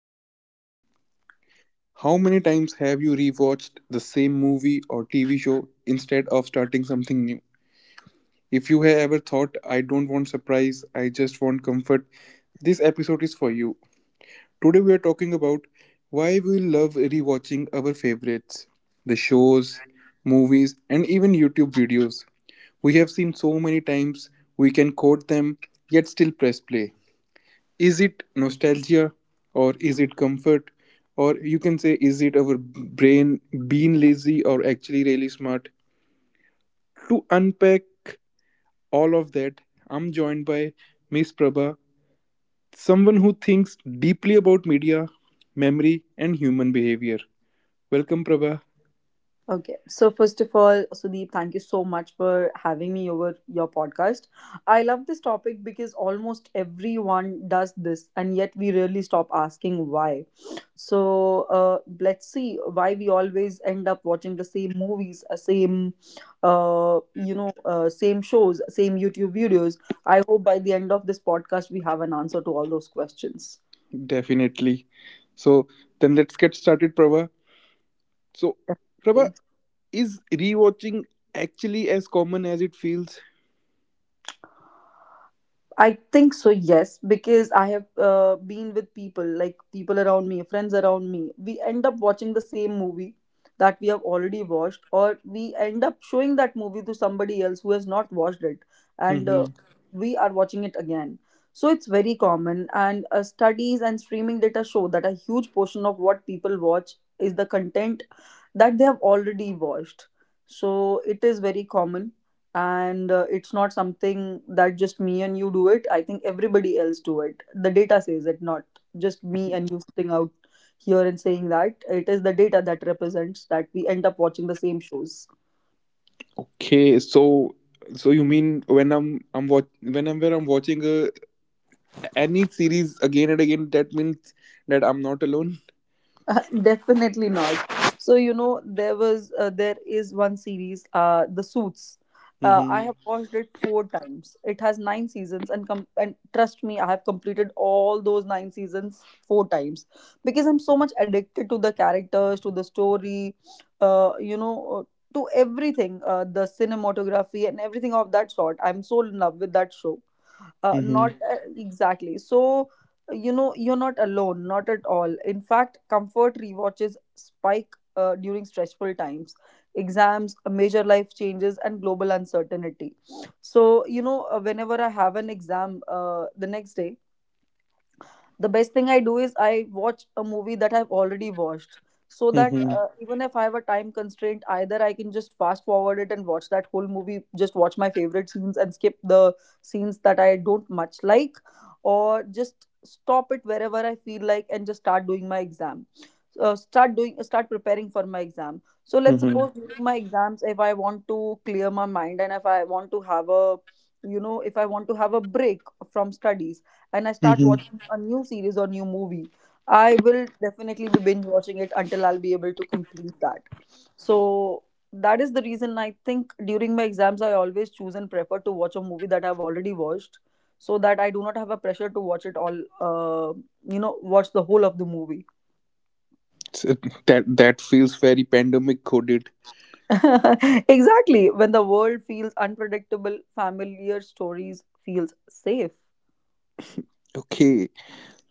question for you. How many times have you rewatched the same movie or TV show instead of starting something new? If you have ever thought, I don't want surprise, I just want comfort, this episode is for you. Today we are talking about why we love rewatching our favorites, the shows, movies, and even YouTube videos. We have seen so many times, we can quote them, yet still press play. Is it nostalgia, or is it comfort, or you can say is it our brain being lazy or actually really smart? To unpack all of that, I'm joined by Miss Prabha, someone who thinks deeply about media, memory and human behavior. Welcome, Prabha. Okay. So first of all, Sudeep, thank you so much for having me over your podcast. I love this topic because almost everyone does this, and yet we rarely stop asking why. So let's see why we always end up watching the same movies, same shows, same YouTube videos. I hope by the end of this podcast we have an answer to all those questions. Definitely. So then let's get started, Prabha. so prabha Definitely. is rewatching actually as common as it feels? I think so, yes, because I have been with people, like people around me, friends around me. We end up watching the same movie that we have already watched, or we end up showing that movie to somebody else who has not watched it, and we are watching it again. So it's very common, and studies and streaming data show that a huge portion of what people watch is the content that they have already watched. So it is very common, and it's not something that just me and you do it. I think everybody else do it. The data says it, not just me and you sitting out here and saying that. It is the data that represents that we end up watching the same shows. Okay, so so you mean whenever I'm watching any series again and again, that means that I'm not alone. Definitely not. So you know there was there is one series, The Suits. I Mm-hmm. have watched it 4 times. It has 9 seasons, and and trust me, I have completed all those 9 seasons 4 times, because I'm so much addicted to the characters, to the story, uh, you know, uh, to everything, the cinematography, and everything of that sort. I'm so in love with that show. Not Mm-hmm. Exactly. So you know, you're not alone, not at all. In fact, comfort rewatches spike during stressful times, exams, major life changes, and global uncertainty. So you know, whenever I have an exam, the next day, the best thing I do is I watch a movie that I've already watched, so that, Mm-hmm. Even if I have a time constraint, either I can just fast forward it and watch that whole movie, just watch my favorite scenes and skip the scenes that I don't much like, or just stop it wherever I feel like and just start doing my exam. So, start preparing for my exam. So let's Mm-hmm. suppose during my exams, if I want to clear my mind, and if I want to have a you know if I want to have a break from studies, and I start Mm-hmm. watching a new series or new movie, I will definitely be binge watching it until I'll be able to complete that. So that is the reason I think during my exams I always choose and prefer to watch a movie that I've already watched, so that I do not have a pressure to watch it all, uh, watch the whole of the movie. So that feels very pandemic coded. Exactly. When the world feels unpredictable, familiar stories feels safe. Okay,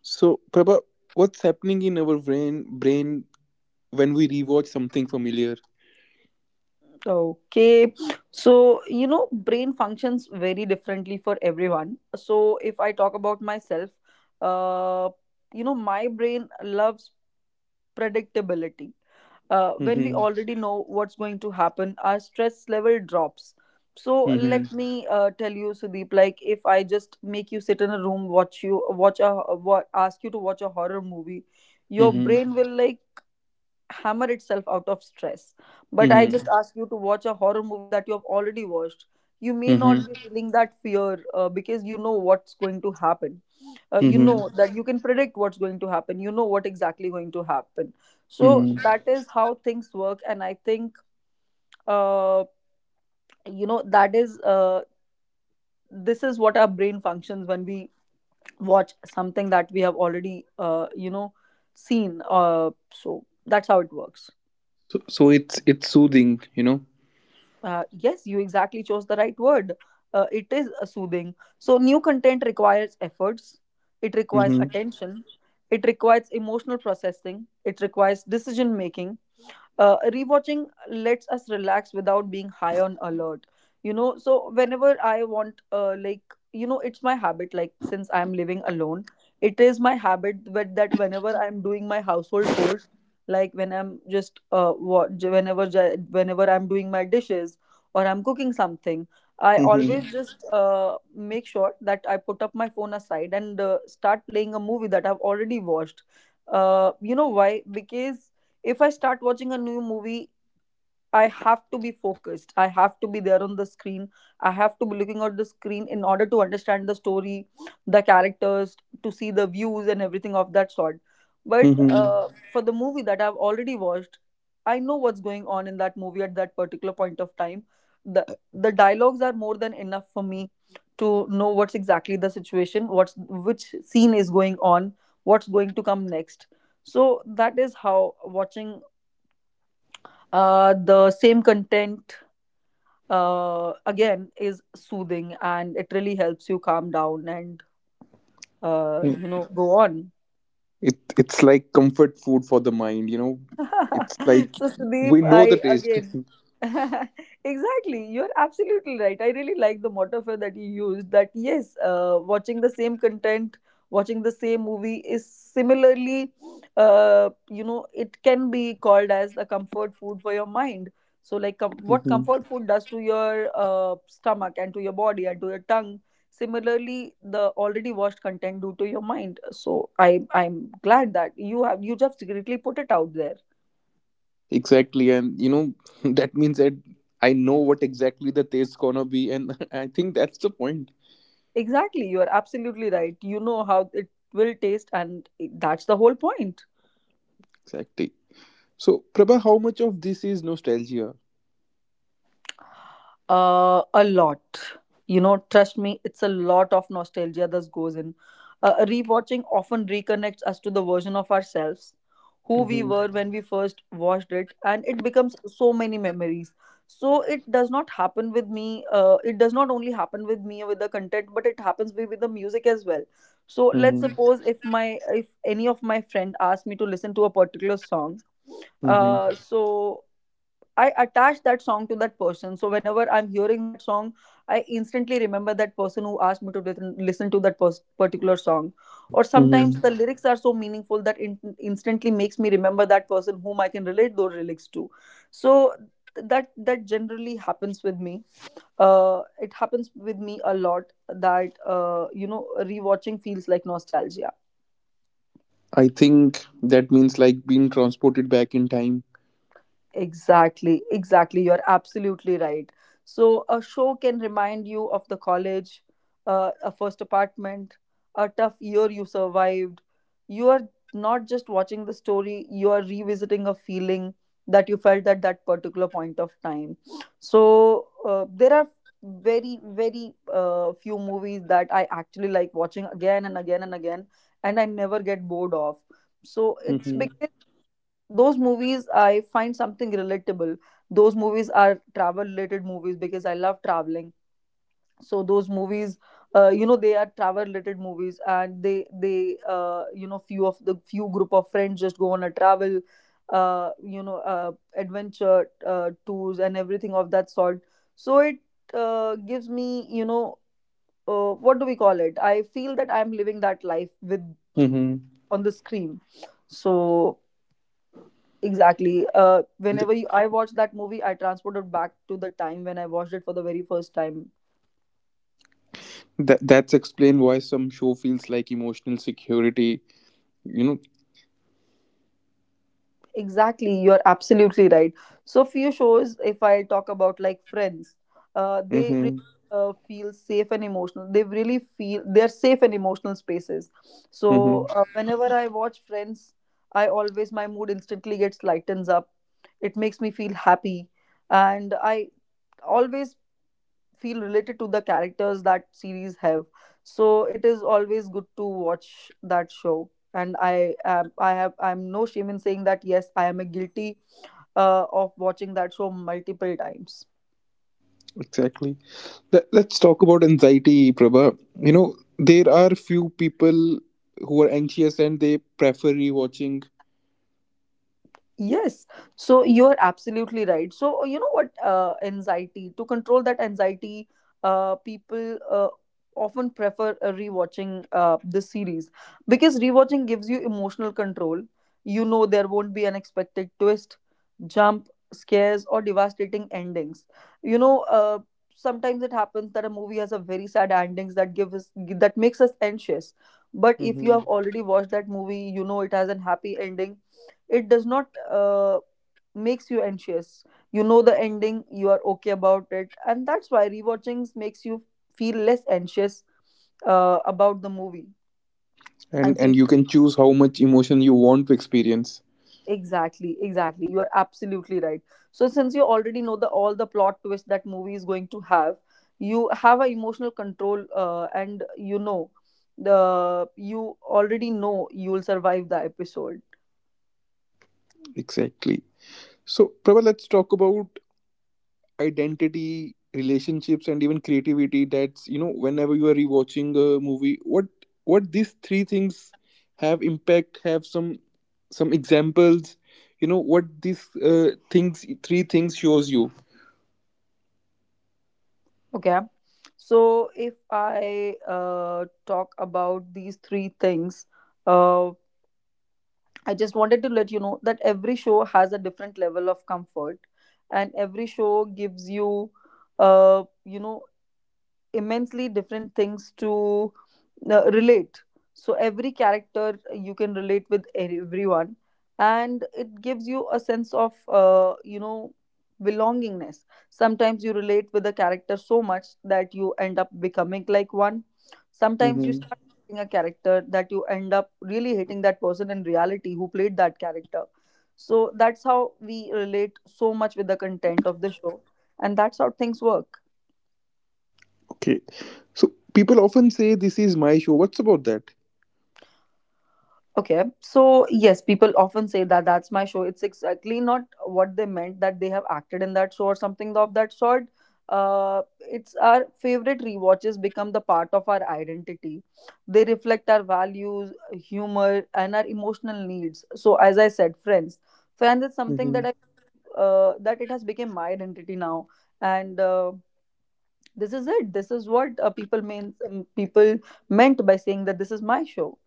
so Prabha, what's happening in our brain when we rewatch something familiar? Okay. So, you know, brain functions very differently for everyone. So, if I talk about myself, uh, my brain loves predictability. When we Mm-hmm. already know what's going to happen, our stress level drops. So Mm-hmm. let me tell you, Sudeep. Like, if I just make you sit in a room, watch you watch a what ask you to watch a horror movie, your Mm-hmm. brain will like hammer itself out of stress. But I Mm-hmm. just ask you to watch a horror movie that you have already watched. You may not Mm-hmm. be feeling that fear because you know what's going to happen. You Mm-hmm. know that you can predict what's going to happen. You know what exactly going to happen. So Mm-hmm. that is how things work, and I think, uh, you know that is this is what our brain functions when we watch something that we have already seen. So that's how it works. So it's soothing, you know. Yes, you exactly chose the right word. It is a soothing. So new content requires efforts, it requires attention, it requires emotional processing, it requires decision making. Rewatching lets us relax without being high on alert. You know, so whenever I want, like, it's my habit, like, since I'm living alone, it is my habit with that whenever I'm doing my household chores, like when I'm just, wa- whenever, ju- whenever I'm doing my dishes or I'm cooking something, I always Mm-hmm. just make sure that I put up my phone aside and start playing a movie that I've already watched. You know why? Because if I start watching a new movie, I have to be focused. I have to be there on the screen. I have to be looking at the screen in order to understand the story, the characters, to see the views and everything of that sort. But Mm-hmm. For the movie that I've already watched, I know what's going on in that movie at that particular point of time. The the dialogues are more than enough for me to know what's exactly the situation, what's which scene is going on, what's going to come next. So that is how watching the same content again is soothing, and it really helps you calm down and go on. It it's like comfort food for the mind, you know. It's like So Sudeep, we know the I taste. again exactly. You're absolutely right. I really like the metaphor that you used. That, yes, watching the same content, watching the same movie is similarly, it can be called as the comfort food for your mind. So like, what Hmm. comfort food does to your stomach and to your body and to your tongue. Similarly, the already watched content do to your mind. So I'm glad that you just secretly put it out there. Exactly, and you know that means that I know what exactly the taste gonna be, and I think that's the point. Exactly, you are absolutely right. You know how it will taste, and that's the whole point. Exactly. So, Prabha, how much of this is nostalgia? A lot. You know, trust me, it's a lot of nostalgia that goes in. Rewatching often reconnects us to the version of ourselves who we Mm-hmm. were when we first watched it, and it becomes so many memories. So it does not happen with me. It does not only happen with me with the content, but it happens with the music as well. So let's Mm-hmm. suppose if any of my friend asked me to listen to a particular song, Mm-hmm. So I attach that song to that person. So whenever I'm hearing that song, I instantly remember that person who asked me to listen to that particular song. Or sometimes Mm-hmm. the lyrics are so meaningful that instantly makes me remember that person whom I can relate those lyrics to. So that generally happens with me. It happens with me a lot that rewatching feels like nostalgia. I think that means like being transported back in time. Exactly, exactly. You're absolutely right. So a show can remind you of the college, a first apartment, a tough year you survived. You are not just watching the story, you are revisiting a feeling that you felt at that particular point of time. So, there are very, very few movies that I actually like watching again and again and again, and I never get bored of. So it's Mm-hmm. because those movies I find something relatable. Those movies are travel related movies because I love traveling. So those movies, they are travel related movies, and they few group of friends just go on a travel, uh, you know, uh, adventure tours and everything of that sort. So it gives me, what do we call it? I feel that I'm living that life with Mm-hmm. on the screen. So exactly. Th- Whenever I watched that movie, I transported back to the time when I watched it for the very first time. that that's explained why some show feels like emotional security, you know. Exactly, you're absolutely right. So few shows, if I talk about like Friends, they really Mm-hmm. Feel safe and emotional. They really feel they're safe and emotional spaces. So Mm-hmm. Whenever I watch Friends, I always my mood instantly gets lightens up. It makes me feel happy, and I always feel related to the characters that series have. So it is always good to watch that show, and I am I have I'm no shame in saying that yes, I am a guilty of watching that show multiple times. Exactly. Let's talk about anxiety, Prabha. You know, there are few people who are anxious and they prefer rewatching. Yes, so you are absolutely right. So you know what, anxiety, to control that anxiety, people often prefer rewatching this series, because rewatching gives you emotional control. You know there won't be unexpected twist, jump scares, or devastating endings. You know, sometimes it happens that a movie has a very sad endings that makes us anxious. But if you Mm-hmm. have already watched that movie, you know it has a happy ending, it does not makes you anxious. You know the ending, you are okay about it, and that's why rewatchings makes you feel less anxious about the movie and And feel. you can choose how much emotion you want to experience. Exactly, you are absolutely right. So since you already know the all the plot twist that movie is going to have, you have a emotional control, and you know the you already know you will survive the episode. Exactly. So, Prabha, let's talk about identity, relationships and even creativity. That's, you know, whenever you are rewatching a movie, what these three things have impact, have some examples, you know, what these things three things shows you. Okay. So, if I talk about these three things, uh, I just wanted to let you know that every show has a different level of comfort, and every show gives you, uh, you know, immensely different things to relate. So every character you can relate with everyone, and it gives you a sense of belongingness. Sometimes you relate with a character so much that you end up becoming like one. Sometimes you Mm-hmm. start hating a character that you end up really hating that person in reality who played that character. So that's how we relate so much with the content of the show, and that's how things work. Okay, so people often say this is my show. What's about that? Okay, so yes, people often say that that's my show. It's exactly not what they meant, that they have acted in that show or something of that sort. It's our favorite rewatches become the part of our identity. They reflect our values, humor, and our emotional needs. So, as I said, friends, friends is something Mm-hmm. that I that it has become my identity now, and this is it this is what people meant by saying that this is my show.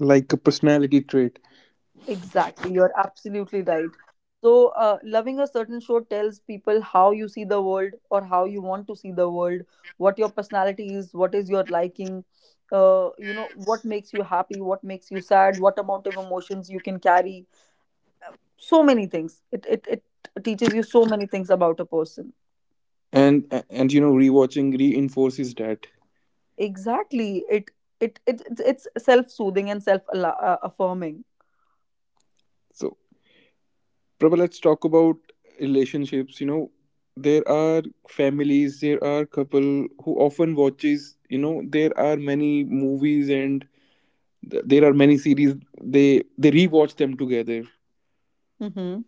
Like a personality trait. Exactly, you're absolutely right. So, loving a certain show tells people how you see the world or how you want to see the world, what your personality is, what is your liking, what makes you happy, what makes you sad, what amount of emotions you can carry. So many things. It teaches you so many things about a person. And you know rewatching reinforces that. Exactly. It, it it's self soothing and self affirming. So, Prabha, let's talk about relationships. You know, there are families, there are couple who often watches. You know, there are many movies and there are many series. They rewatch them together. Mm-hmm.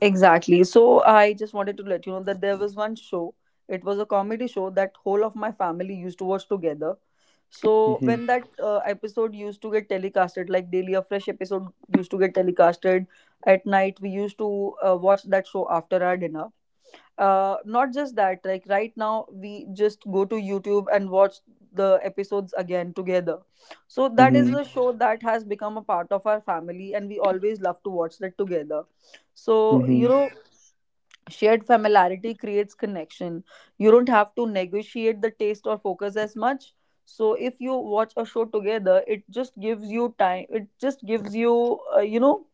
Exactly. So I just wanted to let you know that there was one show. It was a comedy show that whole of my family used to watch together. So Mm-hmm. when that episode used to get telecasted, like daily a fresh episode used to get telecasted at night, we used to watch that show after our dinner. Not just that, like right now we just go to YouTube and watch the episodes again together. So that is Mm-hmm. the show that has become a part of our family, and we always love to watch that together. So you Mm-hmm. know, shared familiarity creates connection. You don't have to negotiate the taste or focus as much. So if you watch a show together, it just gives you time, it just gives you you know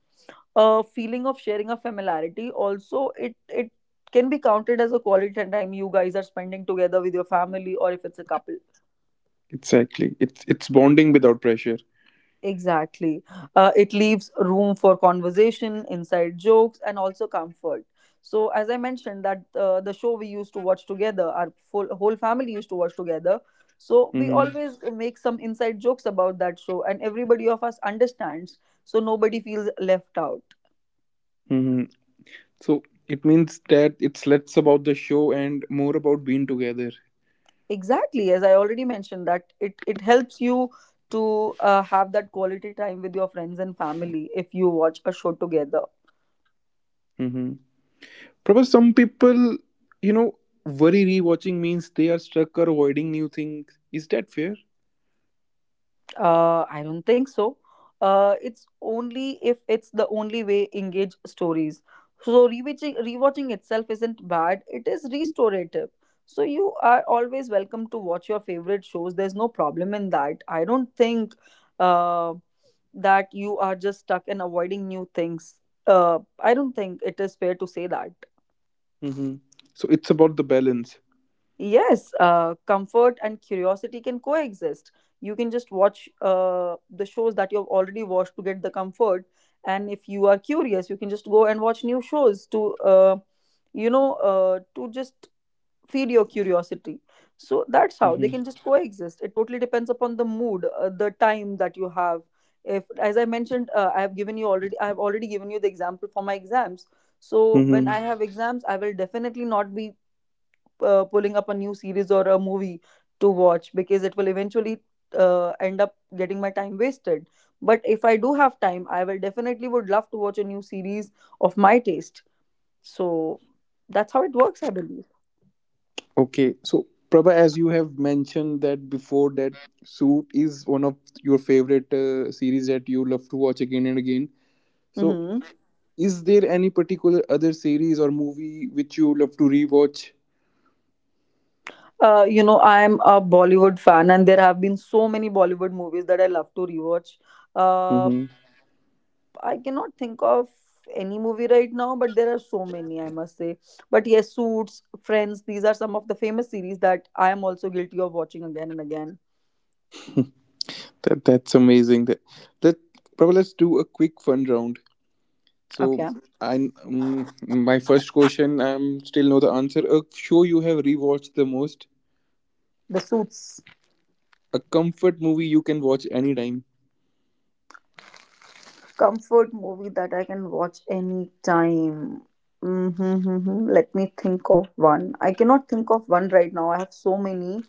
a feeling of sharing a familiarity. Also it can be counted as a quality time you guys are spending together with your family, or if it's a couple. Exactly. It's bonding without pressure. Exactly. It leaves room for conversation, inside jokes, and also comfort. So, as I mentioned, that the show we used to watch together, our full, whole family used to watch together. So, we Mm-hmm. always make some inside jokes about that show, and everybody of us understands. So, nobody feels left out. Mm-hmm. So it means that it's less about the show and more about being together. Exactly. As I already mentioned, that it helps you to have that quality time with your friends and family if you watch a show together. Mm-hmm. Probably some people, you know, worry rewatching means they are stuck or avoiding new things. Is that fair? I don't think so. It's only if it's the only way engage stories. So rewatching itself isn't bad. It is restorative. So you are always welcome to watch your favorite shows. There's no problem in that. I don't think uh, that you are just stuck in avoiding new things. I don't think it is fair to say that. Mm-hmm. So it's about the balance. Yes, comfort and curiosity can coexist. You can just watch the shows that you've already watched to get the comfort. And if you are curious, you can just go and watch new shows to, to just feed your curiosity. So that's how Mm-hmm. they can just coexist. It totally depends upon the mood, the time that you have. If, as I mentioned, I have already given you the example for my exams. So when Mm-hmm. I have exams, I will definitely not be pulling up a new series or a movie to watch, because it will eventually end up getting my time wasted. But if I do have time, I will definitely would love to watch a new series of my taste. So that's how it works, I believe. Okay, so Prabha, as you have mentioned that before, that Suit is one of your favorite series that you love to watch again and again. So, Hmm. is there any particular other series or movie which you love to rewatch? You know, I am a Bollywood fan, and there have been so many Bollywood movies that I love to rewatch. Uh, Mm-hmm. I cannot think of any movie right now, but there are so many, I must say. But yes, Suits, Friends, these are some of the famous series that I am also guilty of watching again and again. That that's amazing. That that Prabha, let's do a quick fun round. So, Okay. I my first question, I'm still know the answer. A show you have rewatched the most, The Suits. a comfort movie you can watch anytime, Comfort movie that I can watch any time. Mm-hmm, let me think of one. I cannot think of one right now. I have so many.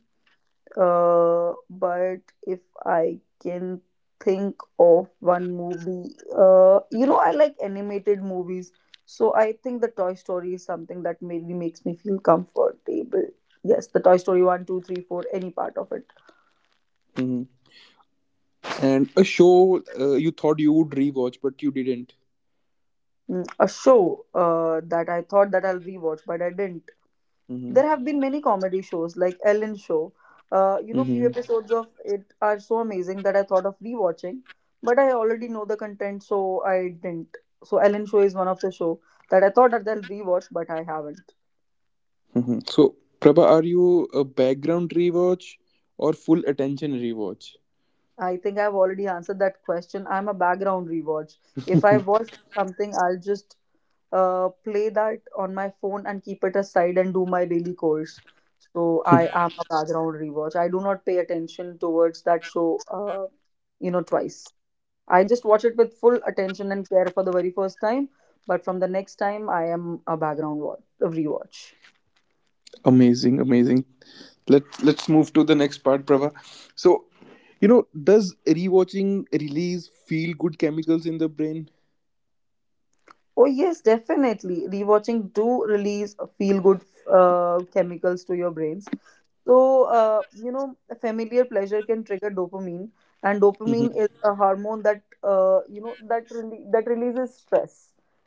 But if I can think of one movie, I like animated movies, so I think the Toy Story is something that maybe makes me feel comfortable. Yes, the Toy Story 1, 2, 3, 4, any part of it. hmm, and a show you thought you would rewatch but you didn't. Mm, a show that I thought that I'll rewatch, but I didn't. There Hmm. have been many comedy shows like Ellen show. You know, few Hmm. episodes of it are so amazing that I thought of rewatching, but I already know the content, so I didn't. So Ellen show is one of the show that I thought that I'll rewatch, but I haven't. Hmm. So, Prabha, are you a background rewatch or full attention rewatch? I think I've already answered that question. I'm a background rewatch. If I watch something, I'll just play that on my phone and keep it aside and do my daily course. So I am a background rewatch. I do not pay attention towards that show, you know, twice. I just watch it with full attention and care for the very first time, but from the next time, I am a background watch, a rewatch. Amazing, amazing. Let's move to the next part, Prabha. So, you know, does rewatching release feel good chemicals in the brain? Oh yes, definitely. Rewatching do release feel good chemicals to your brains. So, a familiar pleasure can trigger dopamine, and dopamine is a hormone that, that releases stress.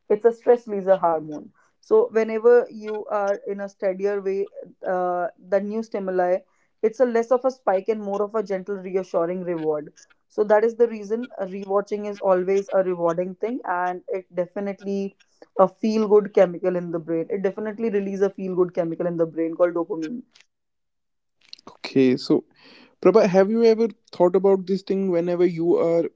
It's a stress releaser hormone. So, whenever you are in a steadier way, uh, the new stimuli, it's a less of a spike and more of a gentle, reassuring reward. So that is the reason rewatching is always a rewarding thing, and it definitely a feel good chemical in the brain. It definitely releases a feel good chemical in the brain called dopamine. Okay, so Prabha, have you ever thought about this thing, whenever you are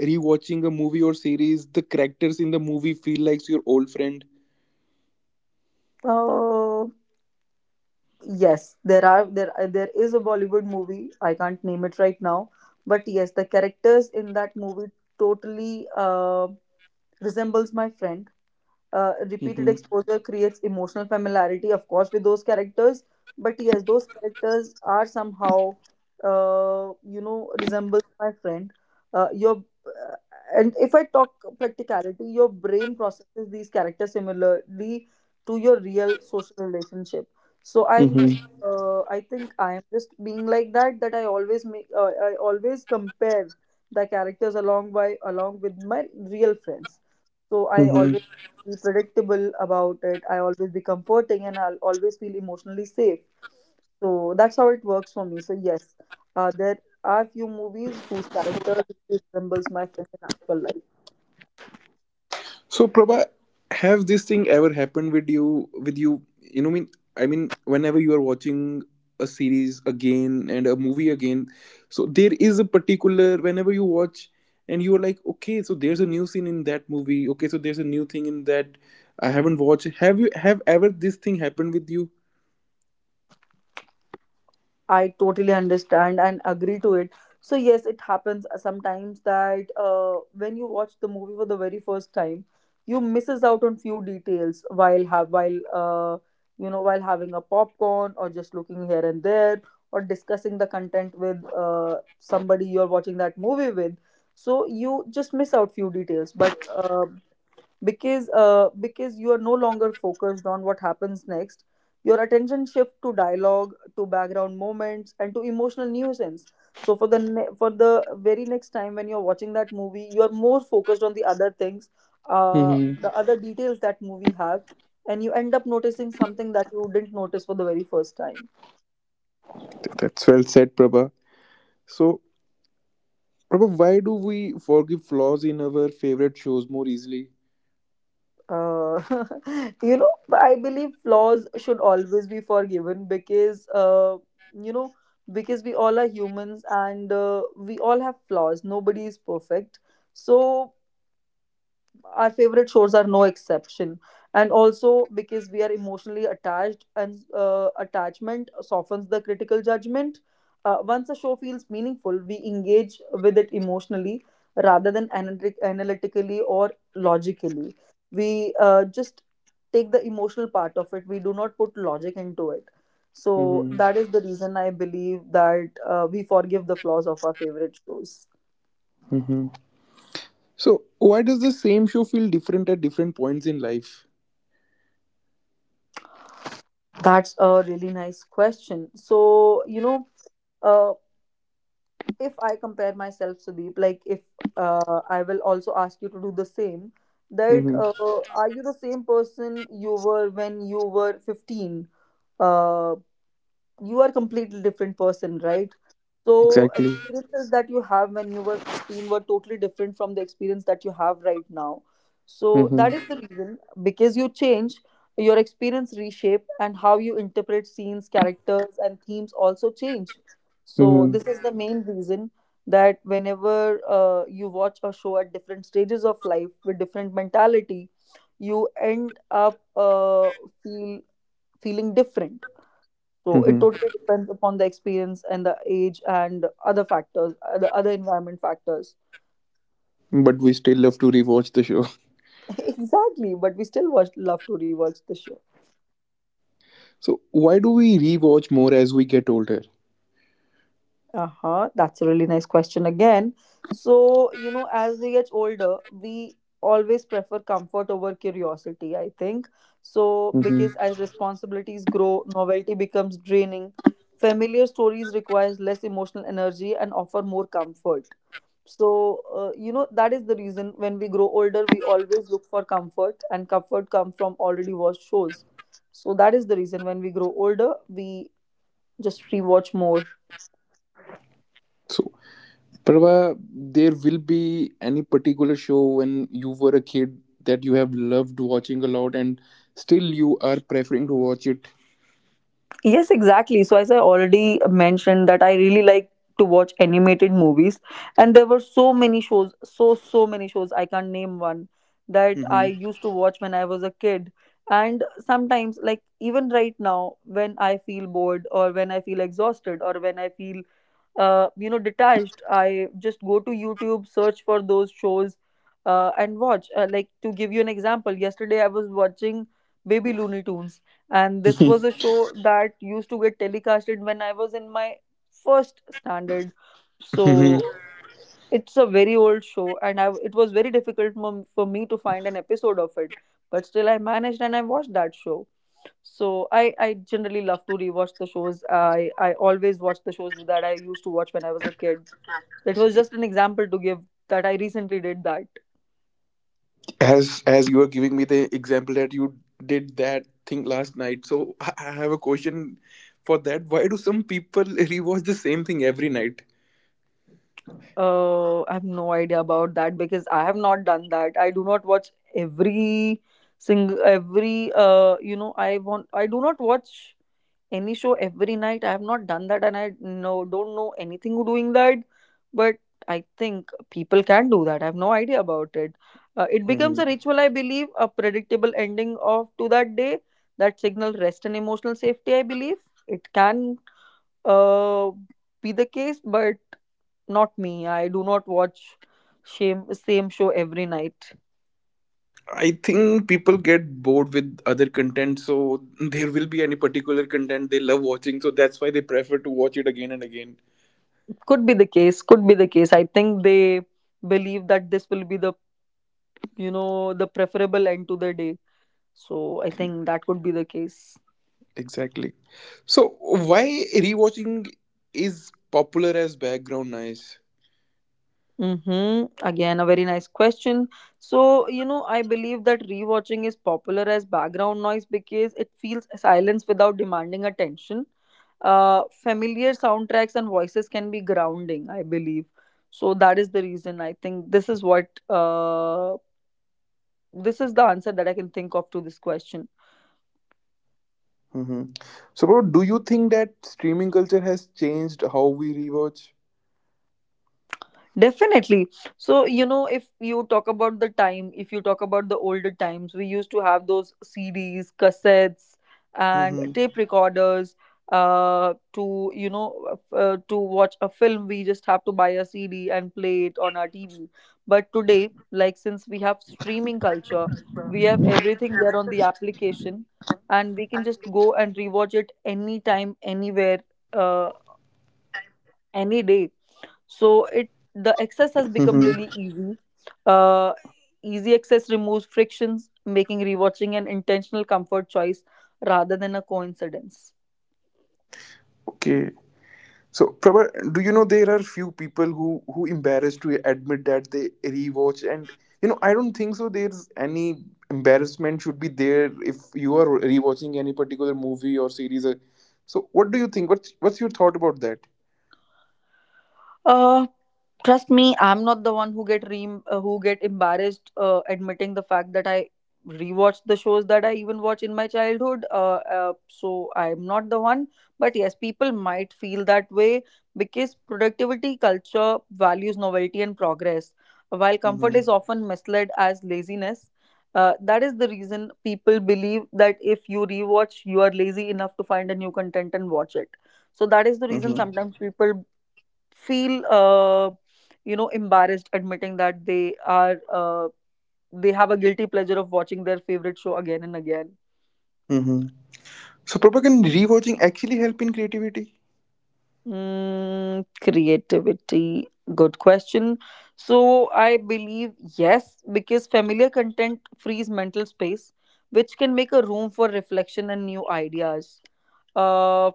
rewatching a movie or series, the characters in the movie feel like your old friend? Uh, yes, there is a Bollywood movie. I can't name it right now, but yes, the characters in that movie totally resembles my friend. Repeated Mm-hmm. exposure creates emotional familiarity, of course, with those characters. But yes, those characters are somehow, resembles my friend. Your And if I talk practicality, your brain processes these characters similarly to your real social relationship. So I'm just, Mm-hmm. I think I am just being like that. That I always make, I always compare the characters along with my real friends. So I always feel predictable about it. I always be comforting and I'll always feel emotionally safe. So that's how it works for me. So yes, there are few movies whose character resembles my friend in actual life. So Prabha, have this thing ever happened with you, you know, mean, I mean, whenever you are watching a series again and a movie again, so there is a particular, whenever you watch and you are like, okay, so there's a new scene in that movie, okay, so there's a new thing in that I haven't watched. Have you have ever this thing happened with you? I totally understand and agree to it. So yes, it happens sometimes that when you watch the movie for the very first time, you misses out on few details while have while you know while having a popcorn or just looking here and there or discussing the content with somebody you're watching that movie with. So you just miss out few details, but because you are no longer focused on what happens next, your attention shift to dialogue, to background moments, and to emotional nuisance. So for the very next time when you're watching that movie, you are more focused on the other things, Hmm. the other details that movie have, and you end up noticing something that you didn't notice for the very first time. That's well said, Prabha. So Prabha, why do we forgive flaws in our favorite shows more easily? uh, you know, I believe flaws should always be forgiven because, you know, because we all are humans and we all have flaws. Nobody is perfect. So our favorite shows are no exception, and also because we are emotionally attached, and attachment softens the critical judgment. Once a show feels meaningful, we engage with it emotionally rather than analytically or logically. We just take the emotional part of it. We do not put logic into it. So that is the reason I believe that we forgive the flaws of our favorite shows. Hmm. So why does the same show feel different at different points in life? That's a really nice question. So, uh, if I compare myself, Sudeep, like, if I will also ask you to do the same, that Mm-hmm. Are you the same person you were when you were 15? Uh, you are completely different person, right? So Exactly. experiences that you have when you were 16 were totally different from the experience that you have right now. So that is Mm-hmm. the reason: because you change, your experience reshape, and how you interpret scenes, characters and themes also change. So this Mm-hmm. is the main reason that whenever you watch a show at different stages of life with different mentality, you end up feel feeling different. So it Mm-hmm. totally depends upon the experience and the age and other factors, the other environment factors. But we still love to rewatch the show. Exactly, but we still watch, love to rewatch the show. So why do we rewatch more as we get older? Uh huh. That's a really nice question again. So you know, as we get older, we always prefer comfort over curiosity. I think so Mm-hmm. because as responsibilities grow, novelty becomes draining. Familiar stories requires less emotional energy and offer more comfort. So, you know, that is the reason when we grow older, we always look for comfort, and comfort comes from already watched shows. So, that is the reason when we grow older, we just rewatch more. So Prava, there will be any particular show when you were a kid that you have loved watching a lot and still you are preferring to watch it. Yes, exactly. So, as I already mentioned, that I really like to watch animated movies, and there were so many shows, so, so many shows, I can't name one that I Mm-hmm. used to watch when I was a kid. And sometimes, like even right now, when I feel bored or when I feel exhausted or when I feel you know, detached, I just go to YouTube, search for those shows, and watch. Like, to give you an example, yesterday I was watching Baby Looney Tunes, and this was a show that used to get telecasted when I was in my first standard. So it's a very old show, and I, it was very difficult for me to find an episode of it. But still, I managed and I watched that show. So I generally love to rewatch the shows. I always watch the shows that I used to watch when I was a kid. That was just an example to give that I recently did that. As you were giving me the example that you did that thing last night, so I have a question for that. Why do some people rewatch the same thing every night? I have no idea about that because I have not done that. I do not watch every you know I do not watch any show every night. I have not done that, and I don't know anything who doing that. But I think people can do that. I have no idea about it. It becomes Hmm. a ritual, I believe, a predictable ending of to that day that signal rest and emotional safety. I believe it can uh, be the case, but not me. I do not watch same show every night. I think people get bored with other content, so there will be any particular content they love watching, so that's why they prefer to watch it again and again. Could be the case. Could be the case. I think they believe that this will be the, you know, the preferable end to the day. So I think that could be the case. Exactly. So, why rewatching is popular as background noise? Mm-hmm. Again, a very nice question. So, you know, I believe that rewatching is popular as background noise because it feels silence without demanding attention. Familiar soundtracks and voices can be grounding, I believe. So that is the reason I think this is what this is the answer that I can think of to this question. Hmm. So bro, do you think that streaming culture has changed how we rewatch? Definitely. So, you know, if you talk about the time, if you talk about the older times, we used to have those CDs, cassettes, and Mm-hmm. tape recorders. To you know, to watch a film, we just have to buy a CD and play it on our TV. But today, like, since we have streaming culture, we have everything there on the application, and we can just go and rewatch it anytime, anywhere, uh, any day. So it, the Mm-hmm. access has become really easy. uh, Easy access removes frictions, making rewatching an intentional comfort choice rather than a coincidence. Okay. So, Prabha, do you know there are few people who embarrassed to admit that they rewatch, and you know I don't think so there's any embarrassment should be there if you are rewatching any particular movie or series. So, what do you think? What's your thought about that? Uh, Trust me, I'm not the one who get who get embarrassed admitting the fact that I rewatched the shows that I even watch in my childhood. So I'm not the one, but yes, people might feel that way because productivity culture values novelty and progress, while comfort is Mm-hmm. often misled as laziness. That is the reason people believe that if you rewatch, you are lazy enough to find a new content and watch it. So that is the reason Mm-hmm. sometimes people feel you know, embarrassed admitting that they are they have a guilty pleasure of watching their favorite show again and again. Mm-hmm. So, Prabha, can rewatching actually help in creativity? Mm, creativity. Good question. So I believe yes, because familiar content frees mental space, which can make a room for reflection and new ideas. Uh,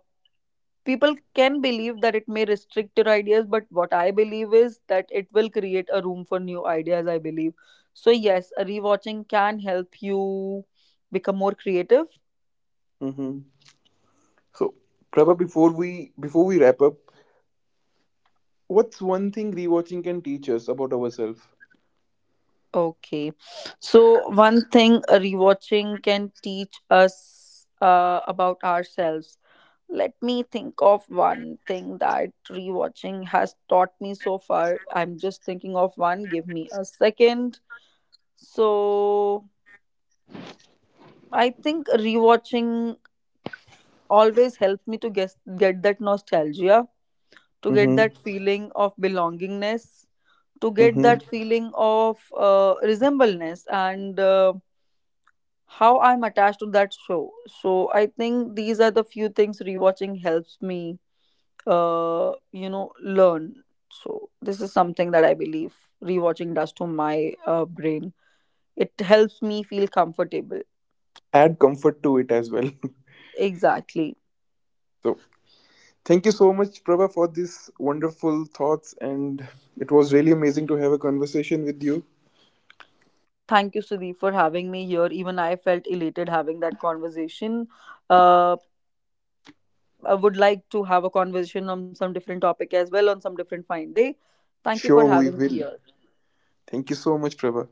People can believe that it may restrict your ideas, but what I believe is that it will create a room for new ideas, I believe. So yes, a rewatching can help you become more creative. Mm-hmm. So, Prabha, before we wrap up, what's one thing rewatching can teach us about ourselves? Okay, so one thing a rewatching can teach us about ourselves. Let me think of one thing that rewatching has taught me so far. I'm just thinking of one. Give me a second. So I think rewatching always helped me to guess, get that nostalgia, to get Mm-hmm. that feeling of belongingness, to get Mm-hmm. that feeling of resemblance, and how I'm attached to that show. So I think these are the few things rewatching helps me, you know, learn. So this is something that I believe rewatching does to my brain. It helps me feel comfortable. Add comfort to it as well. Exactly. So thank you so much, Prabha, for these wonderful thoughts, and it was really amazing to have a conversation with you. Thank you, Sudeep, for having me here. Even I felt elated having that conversation. Uh, I would like to have a conversation on some different topic as well on some different fine day. Thank you for Sure, we having me will. here. Thank you so much, Prabha.